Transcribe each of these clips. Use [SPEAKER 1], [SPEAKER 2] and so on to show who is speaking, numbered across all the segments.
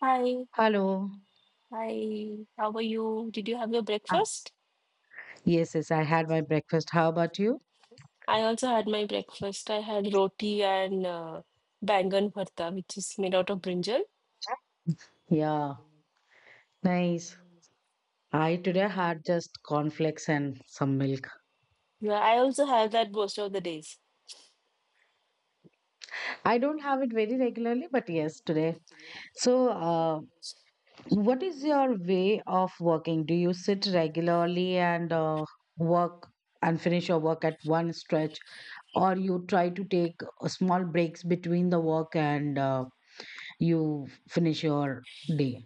[SPEAKER 1] Hi,
[SPEAKER 2] Hello.
[SPEAKER 1] hi. How are you? Did you have your
[SPEAKER 2] Ah,
[SPEAKER 1] breakfast?
[SPEAKER 2] yes, yes, I had my breakfast. How about you?
[SPEAKER 1] I also had my breakfast. I had roti and bangan bharta, which is made out of brinjal.
[SPEAKER 2] Yeah, nice. I today had just cornflakes and some milk.
[SPEAKER 1] Yeah, I also have that most of the days.
[SPEAKER 2] I don't have it very regularly, but yes, today. So, what is your way of working? Do you sit regularly and work and finish your work at one stretch, or you try to take small breaks between the work and you finish your day?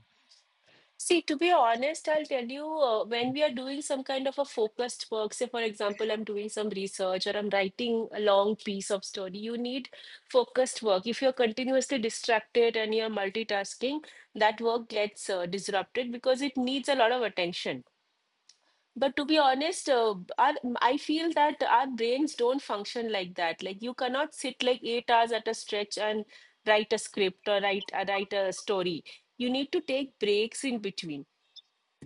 [SPEAKER 1] See, to be honest, I'll tell you when we are doing some kind of a focused work, say, for example, I'm doing some research or I'm writing a long piece of story, you need focused work. If you're continuously distracted and you're multitasking, that work gets disrupted because it needs a lot of attention. But to be honest, I feel that our brains don't function like that. Like you cannot sit like 8 hours at a stretch and write a script or write write a story. You need to take breaks in between.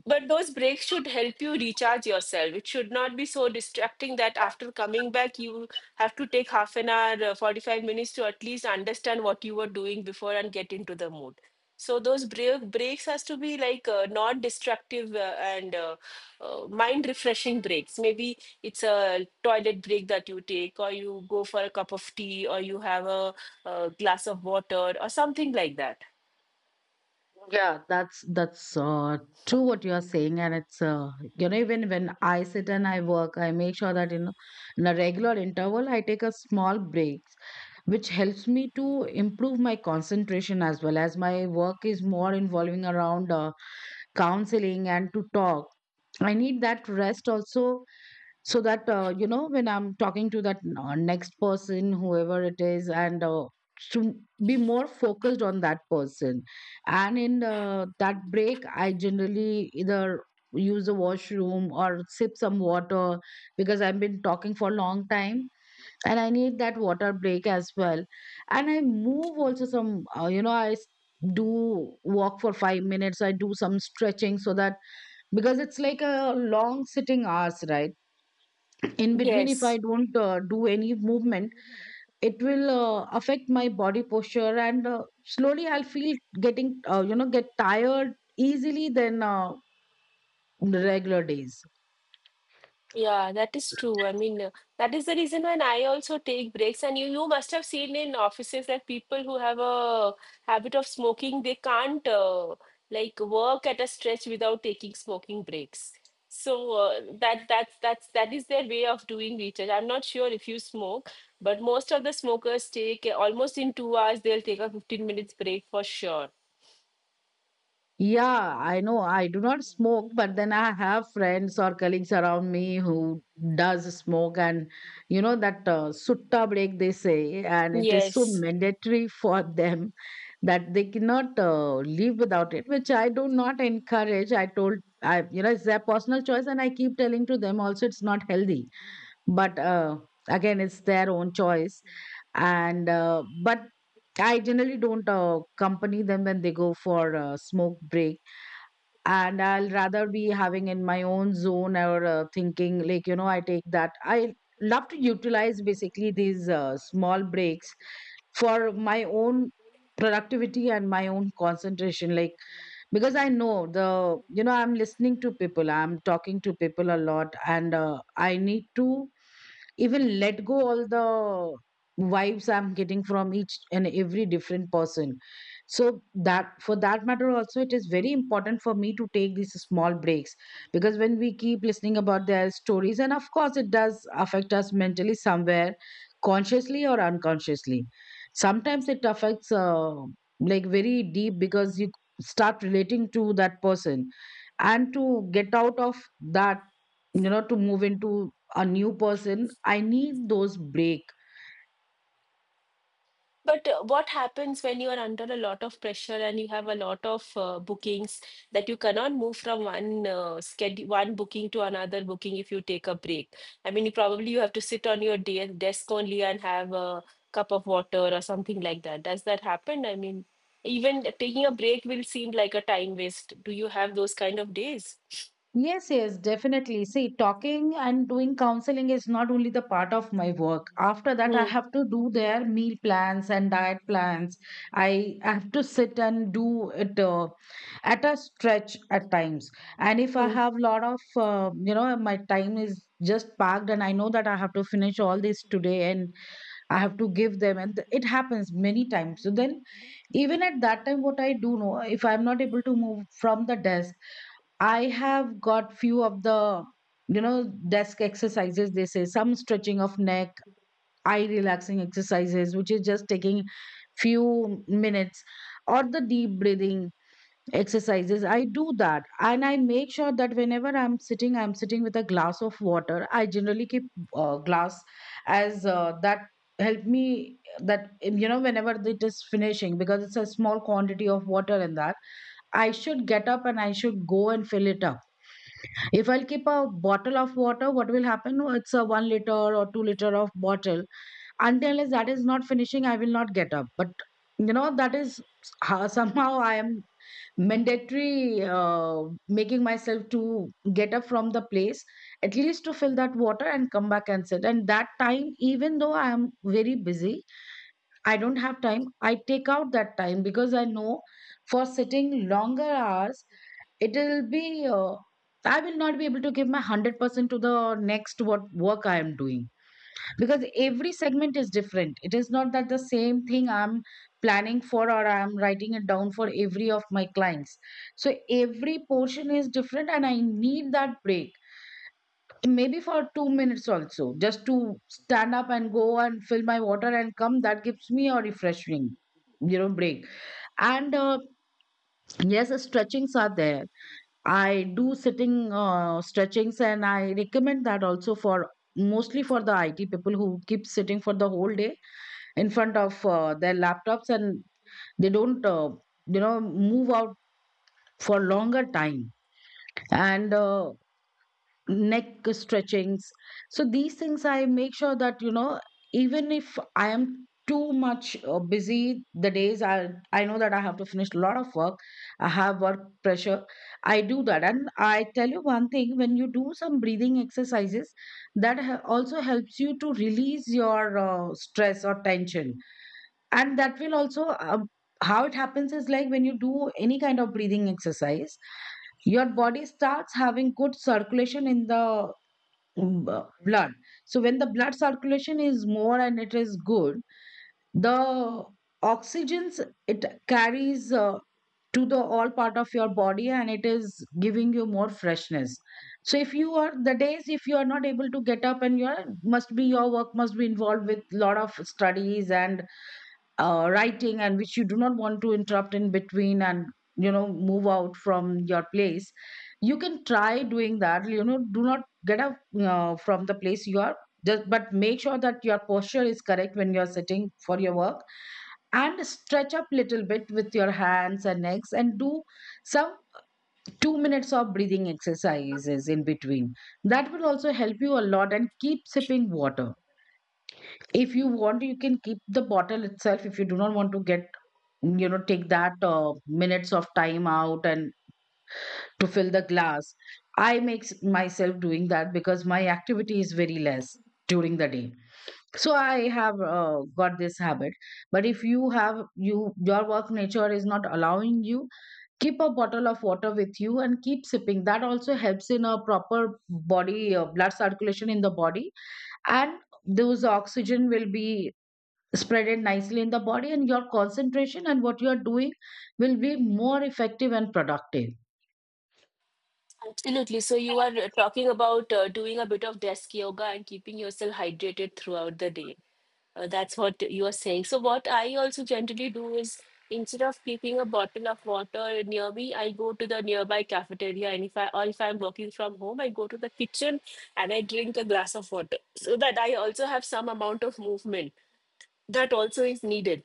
[SPEAKER 1] But those breaks should help you recharge yourself. It should not be so distracting that after coming back, you have to take half an hour, 45 minutes to at least understand what you were doing before and get into the mood. So those breaks has to be like non-destructive and mind-refreshing breaks. Maybe it's a toilet break that you take, or you go for a cup of tea, or you have a, glass of water, or something like that.
[SPEAKER 2] Yeah, that's true what you are saying, and it's, even when I sit and I work, I make sure that in a regular interval I take a small breaks, which helps me to improve my concentration, as well as my work is more involving around counseling and to talk. I need that rest also, so that when I'm talking to that next person, whoever it is, and to be more focused on that person. And in that break, I generally either use the washroom or sip some water, because I've been talking for a long time and I need that water break as well. And I move also some, do walk for 5 minutes, I do some stretching, so that, because it's like a long sitting hours, right? In between, if I
[SPEAKER 1] Yes.
[SPEAKER 2] don't do any movement, it will affect my body posture, and slowly I'll feel getting, get tired easily than regular days.
[SPEAKER 1] Yeah, that is true. I mean, that is the reason when I also take breaks. And you must have seen in offices that people who have a habit of smoking, they can't like work at a stretch without taking smoking breaks. So that that's that is their way of doing research. I'm not sure if you smoke, but most of the smokers take almost in 2 hours, they'll take a 15 minutes break for sure.
[SPEAKER 2] Yeah, I know I do not smoke, but then I have friends or colleagues around me who does smoke, and you know that sutta break, they say, and it is so
[SPEAKER 1] Yes.
[SPEAKER 2] mandatory for them that they cannot live without it, which I do not encourage. I told, I, you know, it's their personal choice and I keep telling to them also, it's not healthy. But again, it's their own choice, and but I generally don't accompany them when they go for smoke break, and I'll rather be having in my own zone, or thinking, like, you know, I take that, I love to utilize basically these small breaks for my own productivity and my own concentration, like, because I know, the, I'm listening to people, I'm talking to people a lot, and I need to even let go all the vibes I'm getting from each and every different person. So that, for that matter also, it is very important for me to take these small breaks, because when we keep listening about their stories, and of course it does affect us mentally, somewhere consciously or unconsciously. Sometimes it affects like very deep, because you start relating to that person, and to get out of that, you know, to move into a new person, I need those break.
[SPEAKER 1] But what happens when you are under a lot of pressure and you have a lot of bookings that you cannot move from one schedule, one booking to another booking if you take a break? I mean, you probably you have to sit on your de desk only and have a cup of water or something like that. Does that happen? I mean, even taking a break will seem like a time waste. Do you have those kind of days?
[SPEAKER 2] Yes, yes, definitely. See, talking and doing counseling is not only the part of my work. After that, I
[SPEAKER 1] Hmm.
[SPEAKER 2] have to do their meal plans and diet plans. I have to sit and do it at a stretch at times. And if I
[SPEAKER 1] Hmm.
[SPEAKER 2] have lot of, you know, my time is just packed and I know that I have to finish all this today, and I have to give them, and it happens many times. So then, even at that time, what I do know, if I'm not able to move from the desk, I have got few of the, you know, desk exercises, they say. Some stretching of neck, eye relaxing exercises, which is just taking few minutes, or the deep breathing exercises, I do that. And I make sure that whenever I'm sitting, I'm sitting with a glass of water. I generally keep glass as that, help me that, you know, whenever it is finishing, because it's a small quantity of water in that, I should get up and I should go and fill it up. If I'll keep a bottle of water, what will happen? Oh, it's a 1 liter or 2 liter of bottle, until as that is not finishing, I will not get up. But you know, that is somehow I am mandatory, making myself to get up from the place at least to fill that water and come back and sit. And that time, even though I am very busy, I don't have time, I take out that time, because I know for sitting longer hours, it will be, I will not be able to give my 100% to the next what work I am doing, because every segment is different. It is not that the same thing I'm planning for, or I'm writing it down for every of my clients. So every portion is different, and I need that break, maybe for 2 minutes also, just to stand up and go and fill my water and come. That gives me a refreshing, you know, break. And yes, stretchings are there. I do sitting stretchings, and I recommend that also, for mostly for the IT people, who keep sitting for the whole day in front of their laptops, and they don't move out for longer time, and neck stretchings. So these things I make sure that, you know, even if I am too much busy the days, I know that I have to finish a lot of work, I have work pressure, I do that. And I tell you one thing, when you do some breathing exercises, also helps you to release your stress or tension. And that will also how it happens is, like, when you do any kind of breathing exercise, your body starts having good circulation in the blood. So when the blood circulation is more and it is good, the oxygens it carries to the all part of your body, and it is giving you more freshness. So if you are, the days if you are not able to get up, and you must be, your work must be involved with lot of studies and writing, and which you do not want to interrupt in between, and you know, move out from your place, you can try doing that, you know. Do not get up from the place you are, just, but make sure that your posture is correct when you're sitting for your work, and stretch up little bit with your hands and legs, and do some 2 minutes of breathing exercises in between. That will also help you a lot. And keep sipping water. If you want, you can keep the bottle itself, if you do not want to get, you know, take that minutes of time out and to fill the glass. I myself doing that, because my activity is very less during the day, so I have got this habit. But if you have, you, your work nature is not allowing you, keep a bottle of water with you and keep sipping, that also helps in a proper body blood circulation in the body, and those oxygen will be spread it nicely in the body, and your concentration and what you are doing will be more effective and productive.
[SPEAKER 1] Absolutely. So you are talking about doing a bit of desk yoga and keeping yourself hydrated throughout the day. That's what you are saying. So what I also generally do is instead of keeping a bottle of water near me, I go to the nearby cafeteria, and if I'm working from home, I go to the kitchen and I drink a glass of water so that I also have some amount of movement that also is needed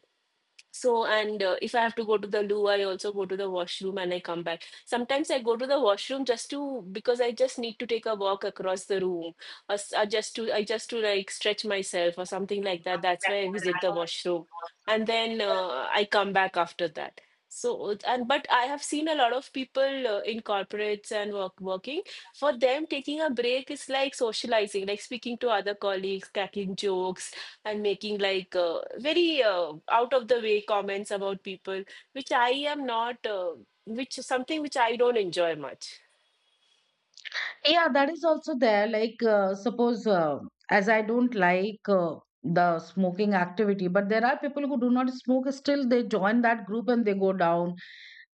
[SPEAKER 1] so, and if I have to go to the loo, I also go to the washroom and I come back. Sometimes I go to the washroom just to because I just need to take a walk across the room, or, s- or just to I just to like stretch myself or something like that. That's why I visit the washroom, and then I come back after that. So, it- and but I have seen a lot of people in corporates and working. For them, taking a break is like socializing, like speaking to other colleagues, cracking jokes, and making like very out of the way comments about people, which I am not, uh, which is something which I don't enjoy much.
[SPEAKER 2] Yeah, that is also there, like suppose, as I don't like the smoking activity, but there are people who do not smoke, still they join that group and they go down,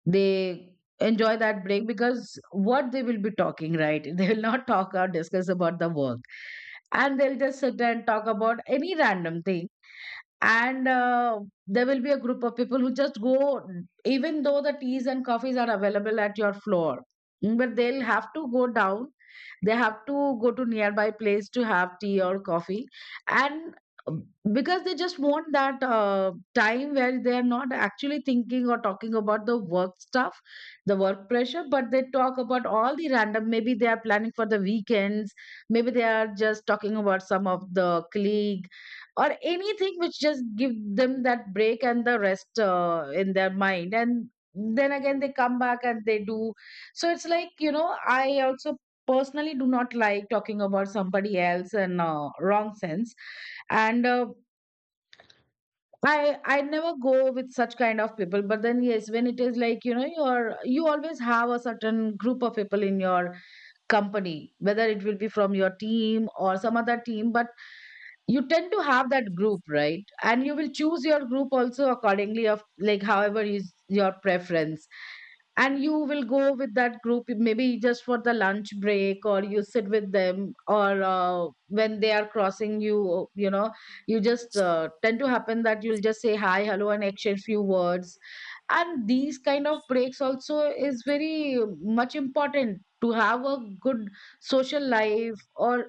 [SPEAKER 2] they enjoy that break. Because what they will be talking, right? They will not talk or discuss about the work, and they'll just sit and talk about any random thing. And there will be a group of people who just go, even though the teas and coffees are available at your floor, but they'll have to go down, they have to go to nearby place to have tea or coffee. And um, because they just want that time where they are not actually thinking or talking about the work stuff, the work pressure, but they talk about all the random. Maybe they are planning for the weekends, maybe they are just talking about some of the colleague, or anything which just give them that break and the rest in their mind, and then again they come back and they do. So it's like, you know, I also personally do not like talking about somebody else in wrong sense. And I never go with such kind of people. But then yes, when it is like, you know, you're, you always have a certain group of people in your company, whether it will be from your team or some other team, but you tend to have that group, right? And you will choose your group also accordingly, of like however is your preference, and you will go with that group, maybe just for the lunch break or you sit With them, or when they are crossing you, you know, you just tend to happen that you'll just say hi, hello and exchange few words. And these kind of breaks also is very much important to have a good social life. Or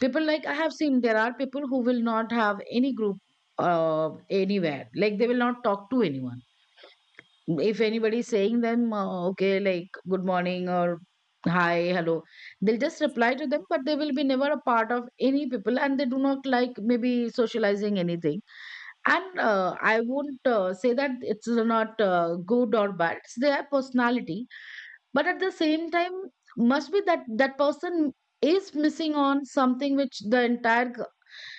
[SPEAKER 2] people, like, I have seen there are people who will not have any group uh, anywhere, like they will not talk to anyone. If anybody is saying them, okay, like good morning or hi, hello, they'll just reply to them, but they will be never a part of any people, and they do not like maybe socializing anything. And I won't say that it's not good or bad, it's their personality. But at the same time, must be that person is missing on something which the entire,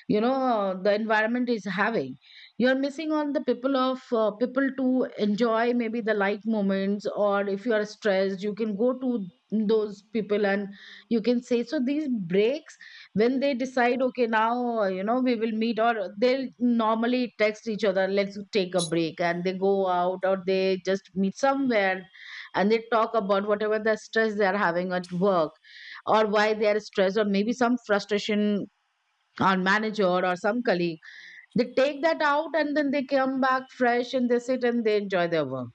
[SPEAKER 2] you know, the environment is having. You're missing on the people of, people to enjoy maybe the light moments, or if you are stressed you can go to those people and you can say. So these breaks, when they decide, okay, now, you know, we will meet, or they'll normally text each other, let's take a break, and they go out or they just meet somewhere, and they talk about whatever the stress they are having at work, or why they are stressed, or maybe some frustration, or manager, or some colleague. They take that out and then they come back fresh, and they sit and they enjoy their work.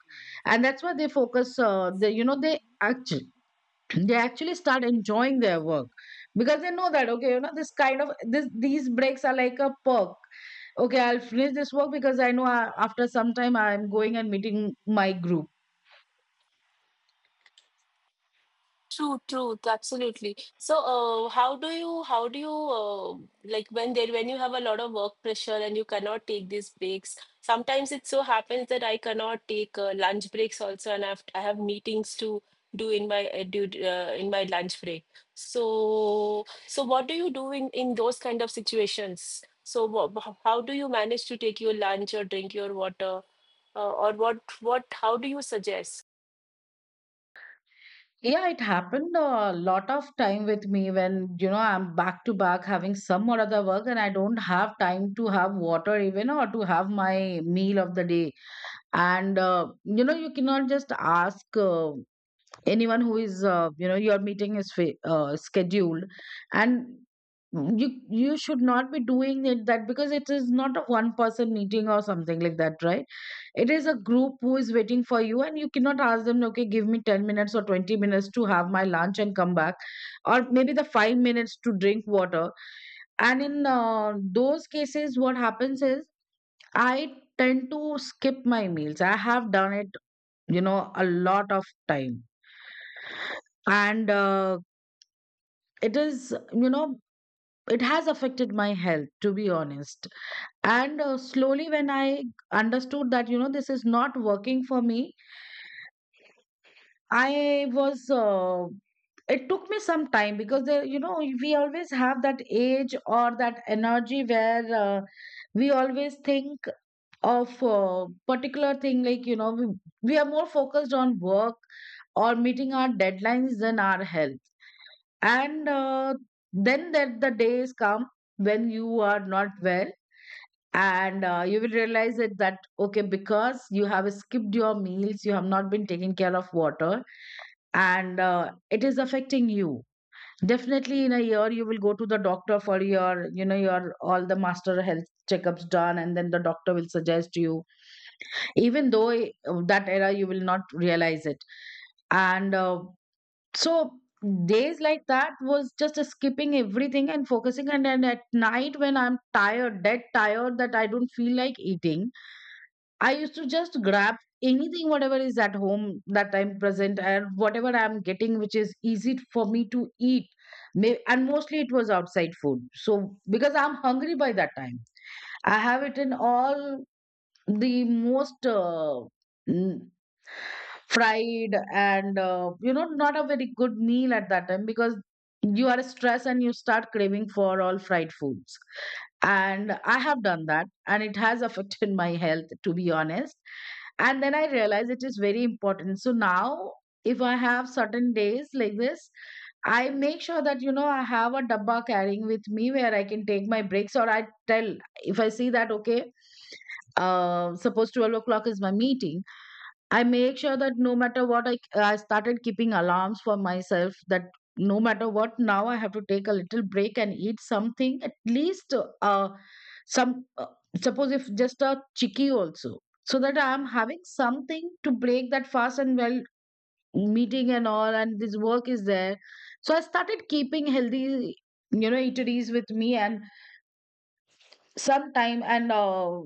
[SPEAKER 2] And that's why they focus, they, you know, they actually they actually start enjoying their work, because they know that, okay, you know, this kind of this these breaks are like a perk. Okay, I'll finish this work because I know I, after some time I'm going and meeting my group.
[SPEAKER 1] True, truth, absolutely. So, like when you have a lot of work pressure and you cannot take these breaks, sometimes it so happens that I cannot take lunch breaks also, and I have meetings to do in my in my lunch break. So, so what do you do in those kind of situations? So, how do you manage to take your lunch or drink your water, how do you suggest?
[SPEAKER 2] Yeah, it happened a lot of time with me when, you know, I'm back to back having some or other work, and I don't have time to have water even or to have my meal of the day. And, you know, you cannot just ask. Anyone who is, you know, your meeting is scheduled, and you should not be doing it, that, because it is not a one person meeting or something like that, right? It is a group who is waiting for you, and you cannot ask them, okay, give me 10 minutes or 20 minutes to have my lunch and come back, or maybe the 5 minutes to drink water. And in those cases what happens is I tend to skip my meals. I have done it, you know, a lot of time. And it is, you know, it has affected my health, to be honest. And slowly when I understood that, you know, this is not working for me, I was it took me some time, because there, you know, we always have that age or that energy where, we always think of a particular thing, like, you know, we are more focused on work or meeting our deadlines than our health. And then that the days come when you are not well. And you will realize it, that, okay, because you have skipped your meals, you have not been taking care of water. And it is affecting you. Definitely in a year you will go to the doctor for your, you know, your all the master health checkups done, and then the doctor will suggest you, even though that era you will not realize it. And so days like that was just skipping everything and focusing, and then at night when I'm tired, dead tired, that I don't feel like eating, I used to just grab anything whatever is at home that I'm present, and whatever I'm getting which is easy for me to eat. And mostly it was outside food, so because I'm hungry by that time, I have eaten all the most n- fried and, you know, not a very good meal at that time, because you are stressed and you start craving for all fried foods. And I have done that, and it has affected my health, to be honest. And then I realized it is very important. So now, if I have certain days like this, I make sure that, you know, I have a dabba carrying with me where I can take my breaks, or I tell, if I see that, okay, suppose 12 o'clock is my meeting, I make sure that no matter what, I started keeping alarms for myself, that no matter what, now I have to take a little break and eat something at least. Uh, some Suppose if just a chicky also, so that I am having something to break that fast, and well, meeting and all and this work is there. So I started keeping healthy, you know, eateries with me. And sometime, and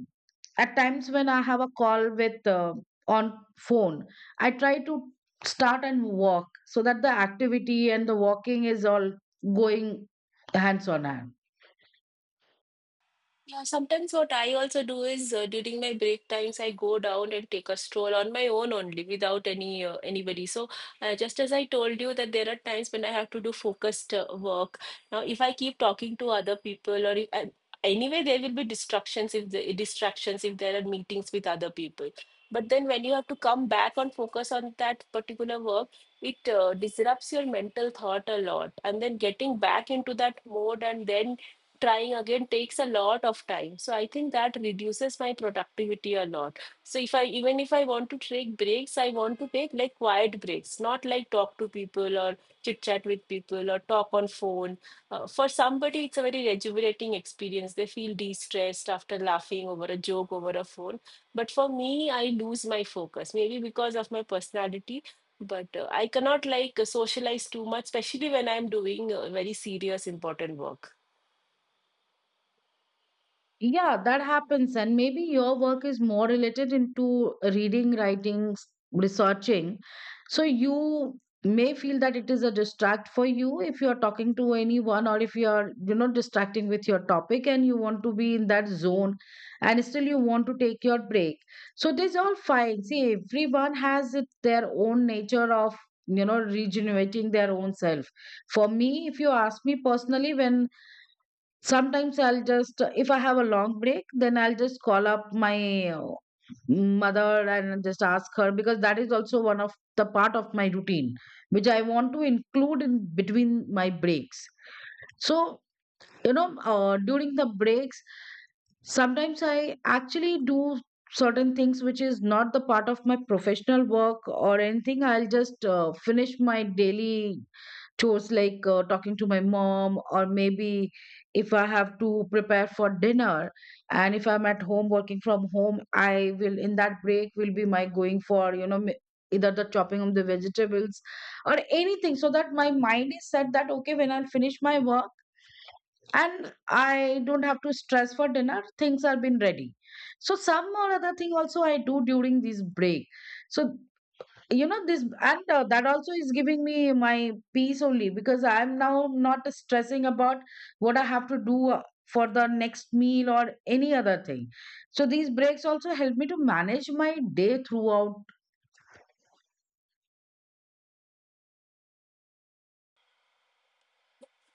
[SPEAKER 2] at times when I have a call with, on phone, I try to start and walk so that the activity and the walking is all going hands on hand.
[SPEAKER 1] Yeah, sometimes what I also do is during my break times, I go down and take a stroll on my own only without any anybody. So just as I told you that there are times when I have to do focused work. Now, if I keep talking to other people or if I, anyway, there will be distractions if there are meetings with other people. But then when you have to come back and focus on that particular work, it disrupts your mental thought a lot. And then getting back into that mode and then trying again takes a lot of time. So I think that reduces my productivity a lot. So if I even if I want to take breaks, I want to take like quiet breaks, not like talk to people or chit chat with people or talk on phone. Uh, for somebody it's a very rejuvenating experience, they feel de-stressed after laughing over a joke over a phone, but for me I lose my focus, maybe because of my personality. But I cannot like socialize too much, especially when I'm doing very serious important work.
[SPEAKER 2] Yeah, that happens. And maybe your work is more related into reading, writing, researching. So you may feel that it is a distract for you if you're talking to anyone, or if you're, you know, distracting with your topic and you want to be in that zone, and still you want to take your break. So this all fine. See, everyone has it, their own nature of, you know, regenerating their own self. For me, if you ask me personally, when sometimes I'll just, if I have a long break, then I'll just call up my mother and just ask her, because that is also one of the part of my routine, which I want to include in between my breaks. So, you know, during the breaks, sometimes I actually do certain things which is not the part of my professional work or anything. I'll just finish my daily chores, like talking to my mom, or maybe if I have to prepare for dinner, and if I'm at home working from home, I will, in that break will be my going for, you know, either the chopping of the vegetables or anything, so that my mind is set that, okay, when I'll finish my work and I don't have to stress for dinner, things are been ready. So some or other thing also I do during this break. So, you know, this, and that also is giving me my peace only, because I'm now not stressing about what I have to do, for the next meal or any other thing. So these breaks also help me to manage my day throughout.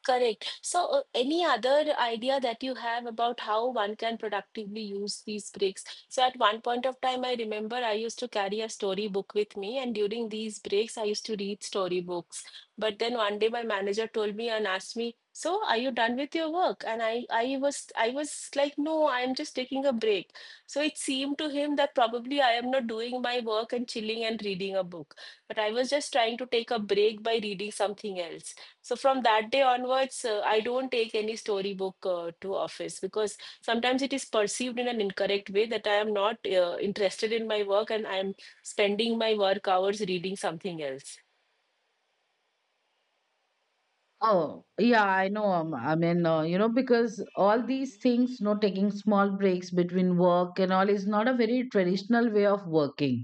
[SPEAKER 1] Correct. So, any other idea that you have about how one can productively use these breaks? So, at one point of time, I remember I used to carry a storybook with me, and during these breaks, I used to read storybooks. But then one day, my manager told me and asked me, "So, are you done with your work?" And I was like, "No, I'm just taking a break." So it seemed to him that probably I am not doing my work and chilling and reading a book, but I was just trying to take a break by reading something else. So from that day onwards, I don't take any storybook to office because sometimes it is perceived in an incorrect way that I am not interested in my work and I am spending my work hours reading something else.
[SPEAKER 2] Oh yeah, I know, I mean, you know, because all these things, you know, taking small breaks between work and all is not a very traditional way of working.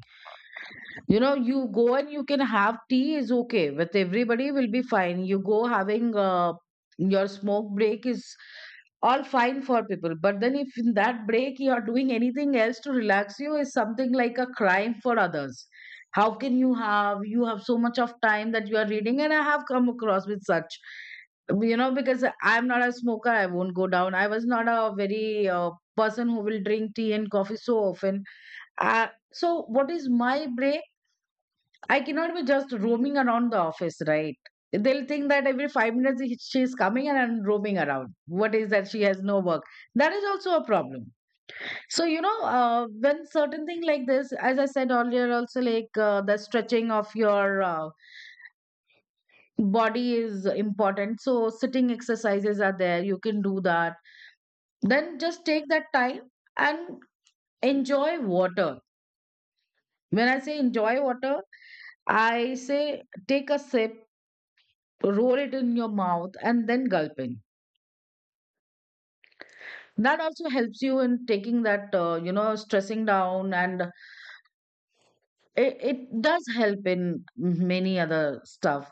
[SPEAKER 2] You know, you go and you can have tea is okay with everybody, will be fine. You go having, your smoke break is all fine for people. But then if in that break you are doing anything else to relax you, is something like a crime for others. How can you have, you have so much of time that you are reading, and I have come across with such, you know, because I'm not a smoker, I won't go down, I was not a very person who will drink tea and coffee so often. So what is my break? I cannot be just roaming around the office, right? They'll think that every 5 minutes she's coming and I'm roaming around. What is that? She has no work. That is also a problem. So, you know, when certain thing like this, as I said earlier, also like, the stretching of your body is important. So, sitting exercises are there. You can do that. Then just take that time and enjoy water. When I say enjoy water, I say take a sip, roll it in your mouth, and then gulping that also helps you in taking that stressing down. And it does help in many other stuff.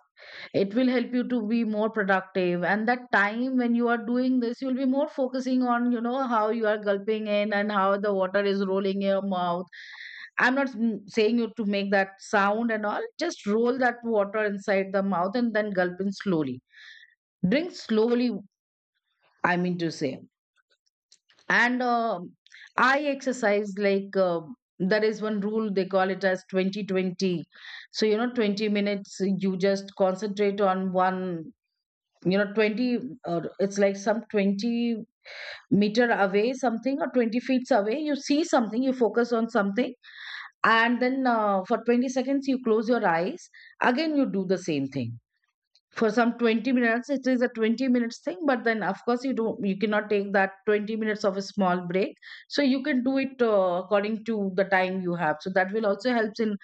[SPEAKER 2] It will help you to be more productive, and that time when you are doing this you'll be more focusing on how you are gulping in and how the water is rolling in your mouth. I'm not saying you to make that sound and all. Just roll that water inside the mouth and then gulp in slowly, drink slowly, I mean to say. And I exercise, like, there is one rule, they call it as 2020. So, 20 minutes you just concentrate on one, 20, or it's like some 20 meter away something, or 20 feet away you see something, you focus on something. And then, for 20 seconds you close your eyes. Again you do the same thing for some 20 minutes. It is a 20 minutes thing, but then of course you cannot take that 20 minutes of a small break. So you can do it according to the time you have. So that will also helps in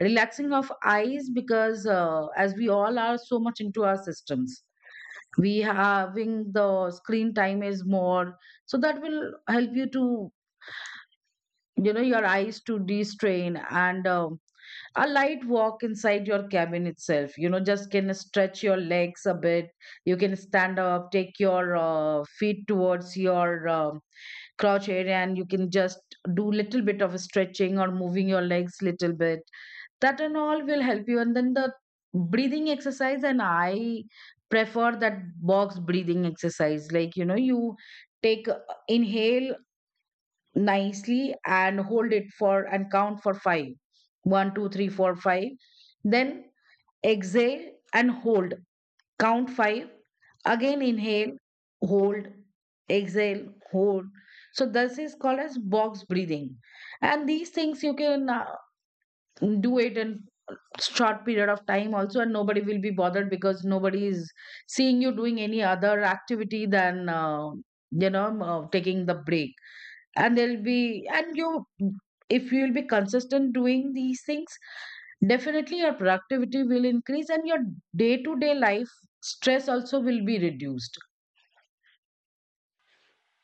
[SPEAKER 2] relaxing of eyes, because as we all are so much into our systems, we having the screen time is more. So that will help you to, you know, your eyes to destrain. And a light walk inside your cabin itself, you know, just can stretch your legs a bit. You can stand up, take your feet towards your crouch area, and you can just do little bit of stretching or moving your legs little bit. That and all will help you. And then the breathing exercise, and I prefer that box breathing exercise, like, you know, you take, inhale nicely and hold it for and count for five. One, two, three, four, five. Then exhale and hold. Count five. Again inhale, hold, exhale, hold. So this is called as box breathing. And these things you can do it in short period of time also, and nobody will be bothered because nobody is seeing you doing any other activity than, taking the break. And there'll be, and you, if you'll be consistent doing these things, definitely your productivity will increase, and your day to day life stress also will be reduced.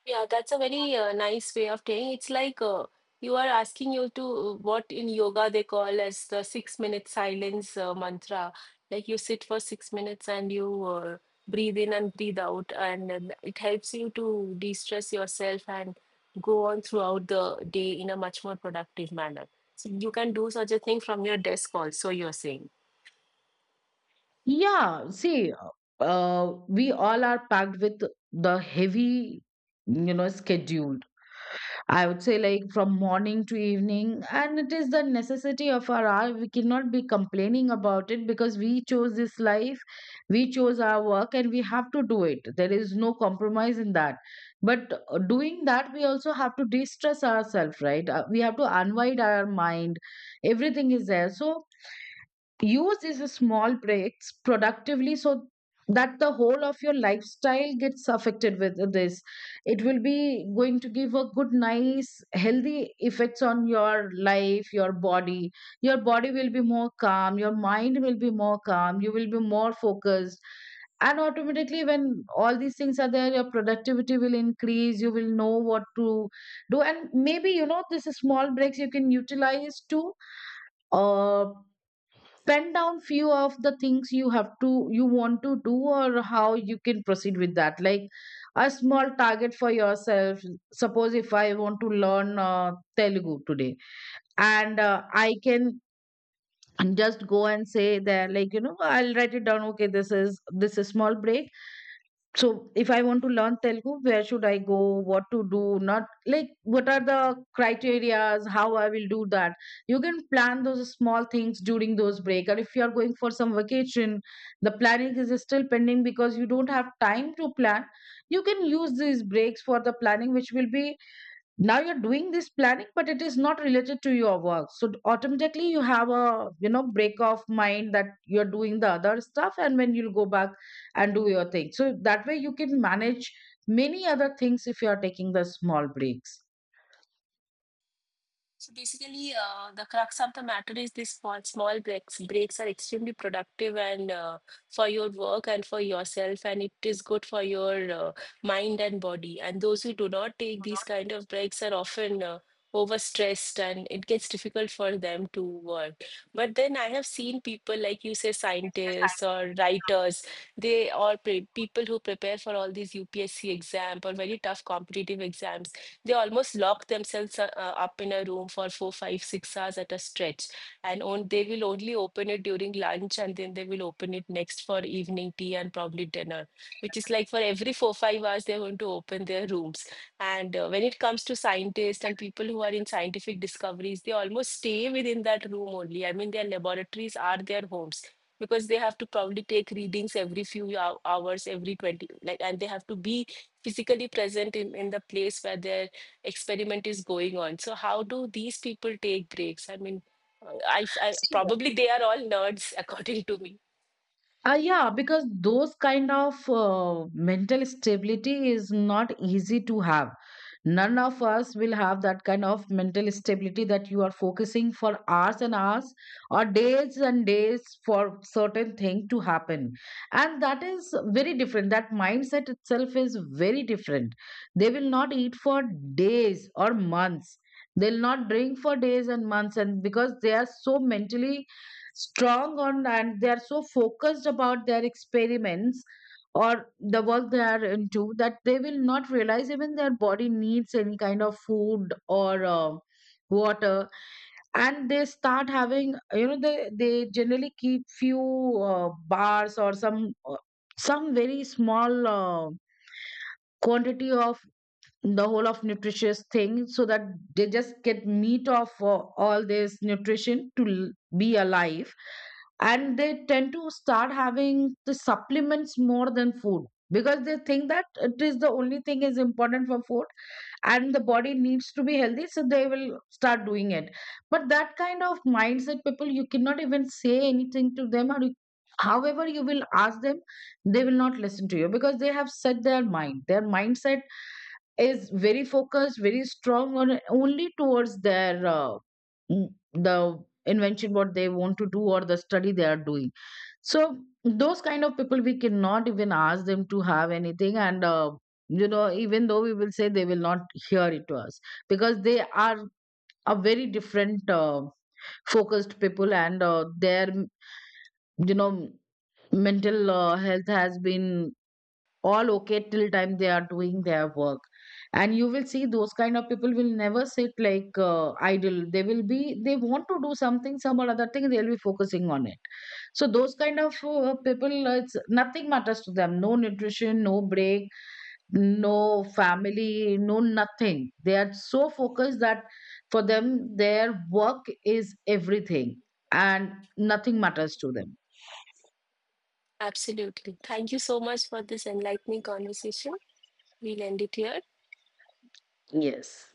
[SPEAKER 1] Yeah, that's a very nice way of saying. It's like you are asking you to what in yoga they call as the 6 minute silence mantra. Like you sit for 6 minutes and you breathe in and breathe out, and then it helps you to de-stress yourself and go on throughout the day in a much more productive manner. So you can do such a thing from your desk also, you're saying.
[SPEAKER 2] Yeah, see, we all are packed with the heavy, you know, schedule, I would say, like from morning to evening, and it is the necessity of our hour. We cannot be complaining about it because we chose this life, we chose our work, and we have to do it. There is no compromise in that. But doing that, we also have to de stress ourselves, right? We have to unwind our mind. Everything is there. So, use these small breaks productively, so that the whole of your lifestyle gets affected with this. It will be going to give a good, nice, healthy effects on your life, your body. Your body will be more calm, your mind will be more calm, you will be more focused, and automatically when all these things are there your productivity will increase. You will know what to do, and maybe, you know, this is small breaks you can utilize to, uh, pen down few of the things you have to, you want to do, or how you can proceed with that, like a small target for yourself. Suppose if I want to learn, Telugu today, and I can just go and say there, like, I'll write it down. Okay, this is, this is small break. So if I want to learn Telugu, where should I go? What to do? Not like, what are the criterias? How I will do that? You can plan those small things during those break. Or if you are going for some vacation, the planning is still pending because you don't have time to plan. You can use these breaks for the planning, which will be, now you're doing this planning but it is not related to your work, so automatically you have a, you know, break of mind, that you're doing the other stuff. And when you'll go back and do your thing, so that way you can manage many other things if you are taking the small breaks.
[SPEAKER 1] So basically, the crux of the matter is these small, small breaks. Breaks are extremely productive and for your work and for yourself, and it is good for your mind and body. And those who do not take these kind of breaks are often overstressed, and it gets difficult for them to work. But then I have seen people like you say, scientists or writers, they are pre people who prepare for all these UPSC exam or very tough competitive exams. They almost lock themselves up in a room for four, five, 6 hours at a stretch. And on, they will only open it during lunch and then they will open it next for evening tea and probably dinner, which is like for every four, 5 hours, they're going to open their rooms. And when it comes to scientists and people who are in scientific discoveries, they almost stay within that room only. I mean, their laboratories are their homes because they have to probably take readings every few hours, every 20, like, and they have to be physically present in the place where their experiment is going on. So how do these people take breaks? I mean, probably they are all nerds according to me.
[SPEAKER 2] Yeah, because those kind of mental stability is not easy to have. None of us will have that kind of mental stability that you are focusing for hours and hours, or days and days, for certain thing to happen. And that is very different. That mindset itself is very different. They will not eat for days or months. They'll not drink for days and months, and because they are so mentally strong on, and they are so focused about their experiments or the work they are into, that they will not realize even their body needs any kind of food or, water. And they start having, you know, they generally keep few bars, or some very small quantity of the whole of nutritious thing, so that they just get meat of all this nutrition to be alive. And they tend to start having the supplements more than food, because they think that it is the only thing is important for food, and the body needs to be healthy, so they will start doing it. But that kind of mindset people, you cannot even say anything to them, or you-, however you will ask them, they will not listen to you, because they have set their mind. Their mindset is very focused, very strong on only towards their mm, the invention what they want to do, or the study they are doing. So those kind of people we cannot even ask them to have anything, and even though we will say, they will not hear it to us, because they are a very different, focused people. And their, you know, mental health has been all okay till time they are doing their work. And you will see those kind of people will never sit, like, idle. They will be they want to do something, some or other thing they'll be focusing on it. So those kind of people, it's nothing matters to them, no nutrition, no break, no family, no nothing. They are so focused that for them their work is everything, and nothing matters to them.
[SPEAKER 1] Absolutely. Thank you so much for this enlightening conversation. We'll end it here.
[SPEAKER 2] Yes.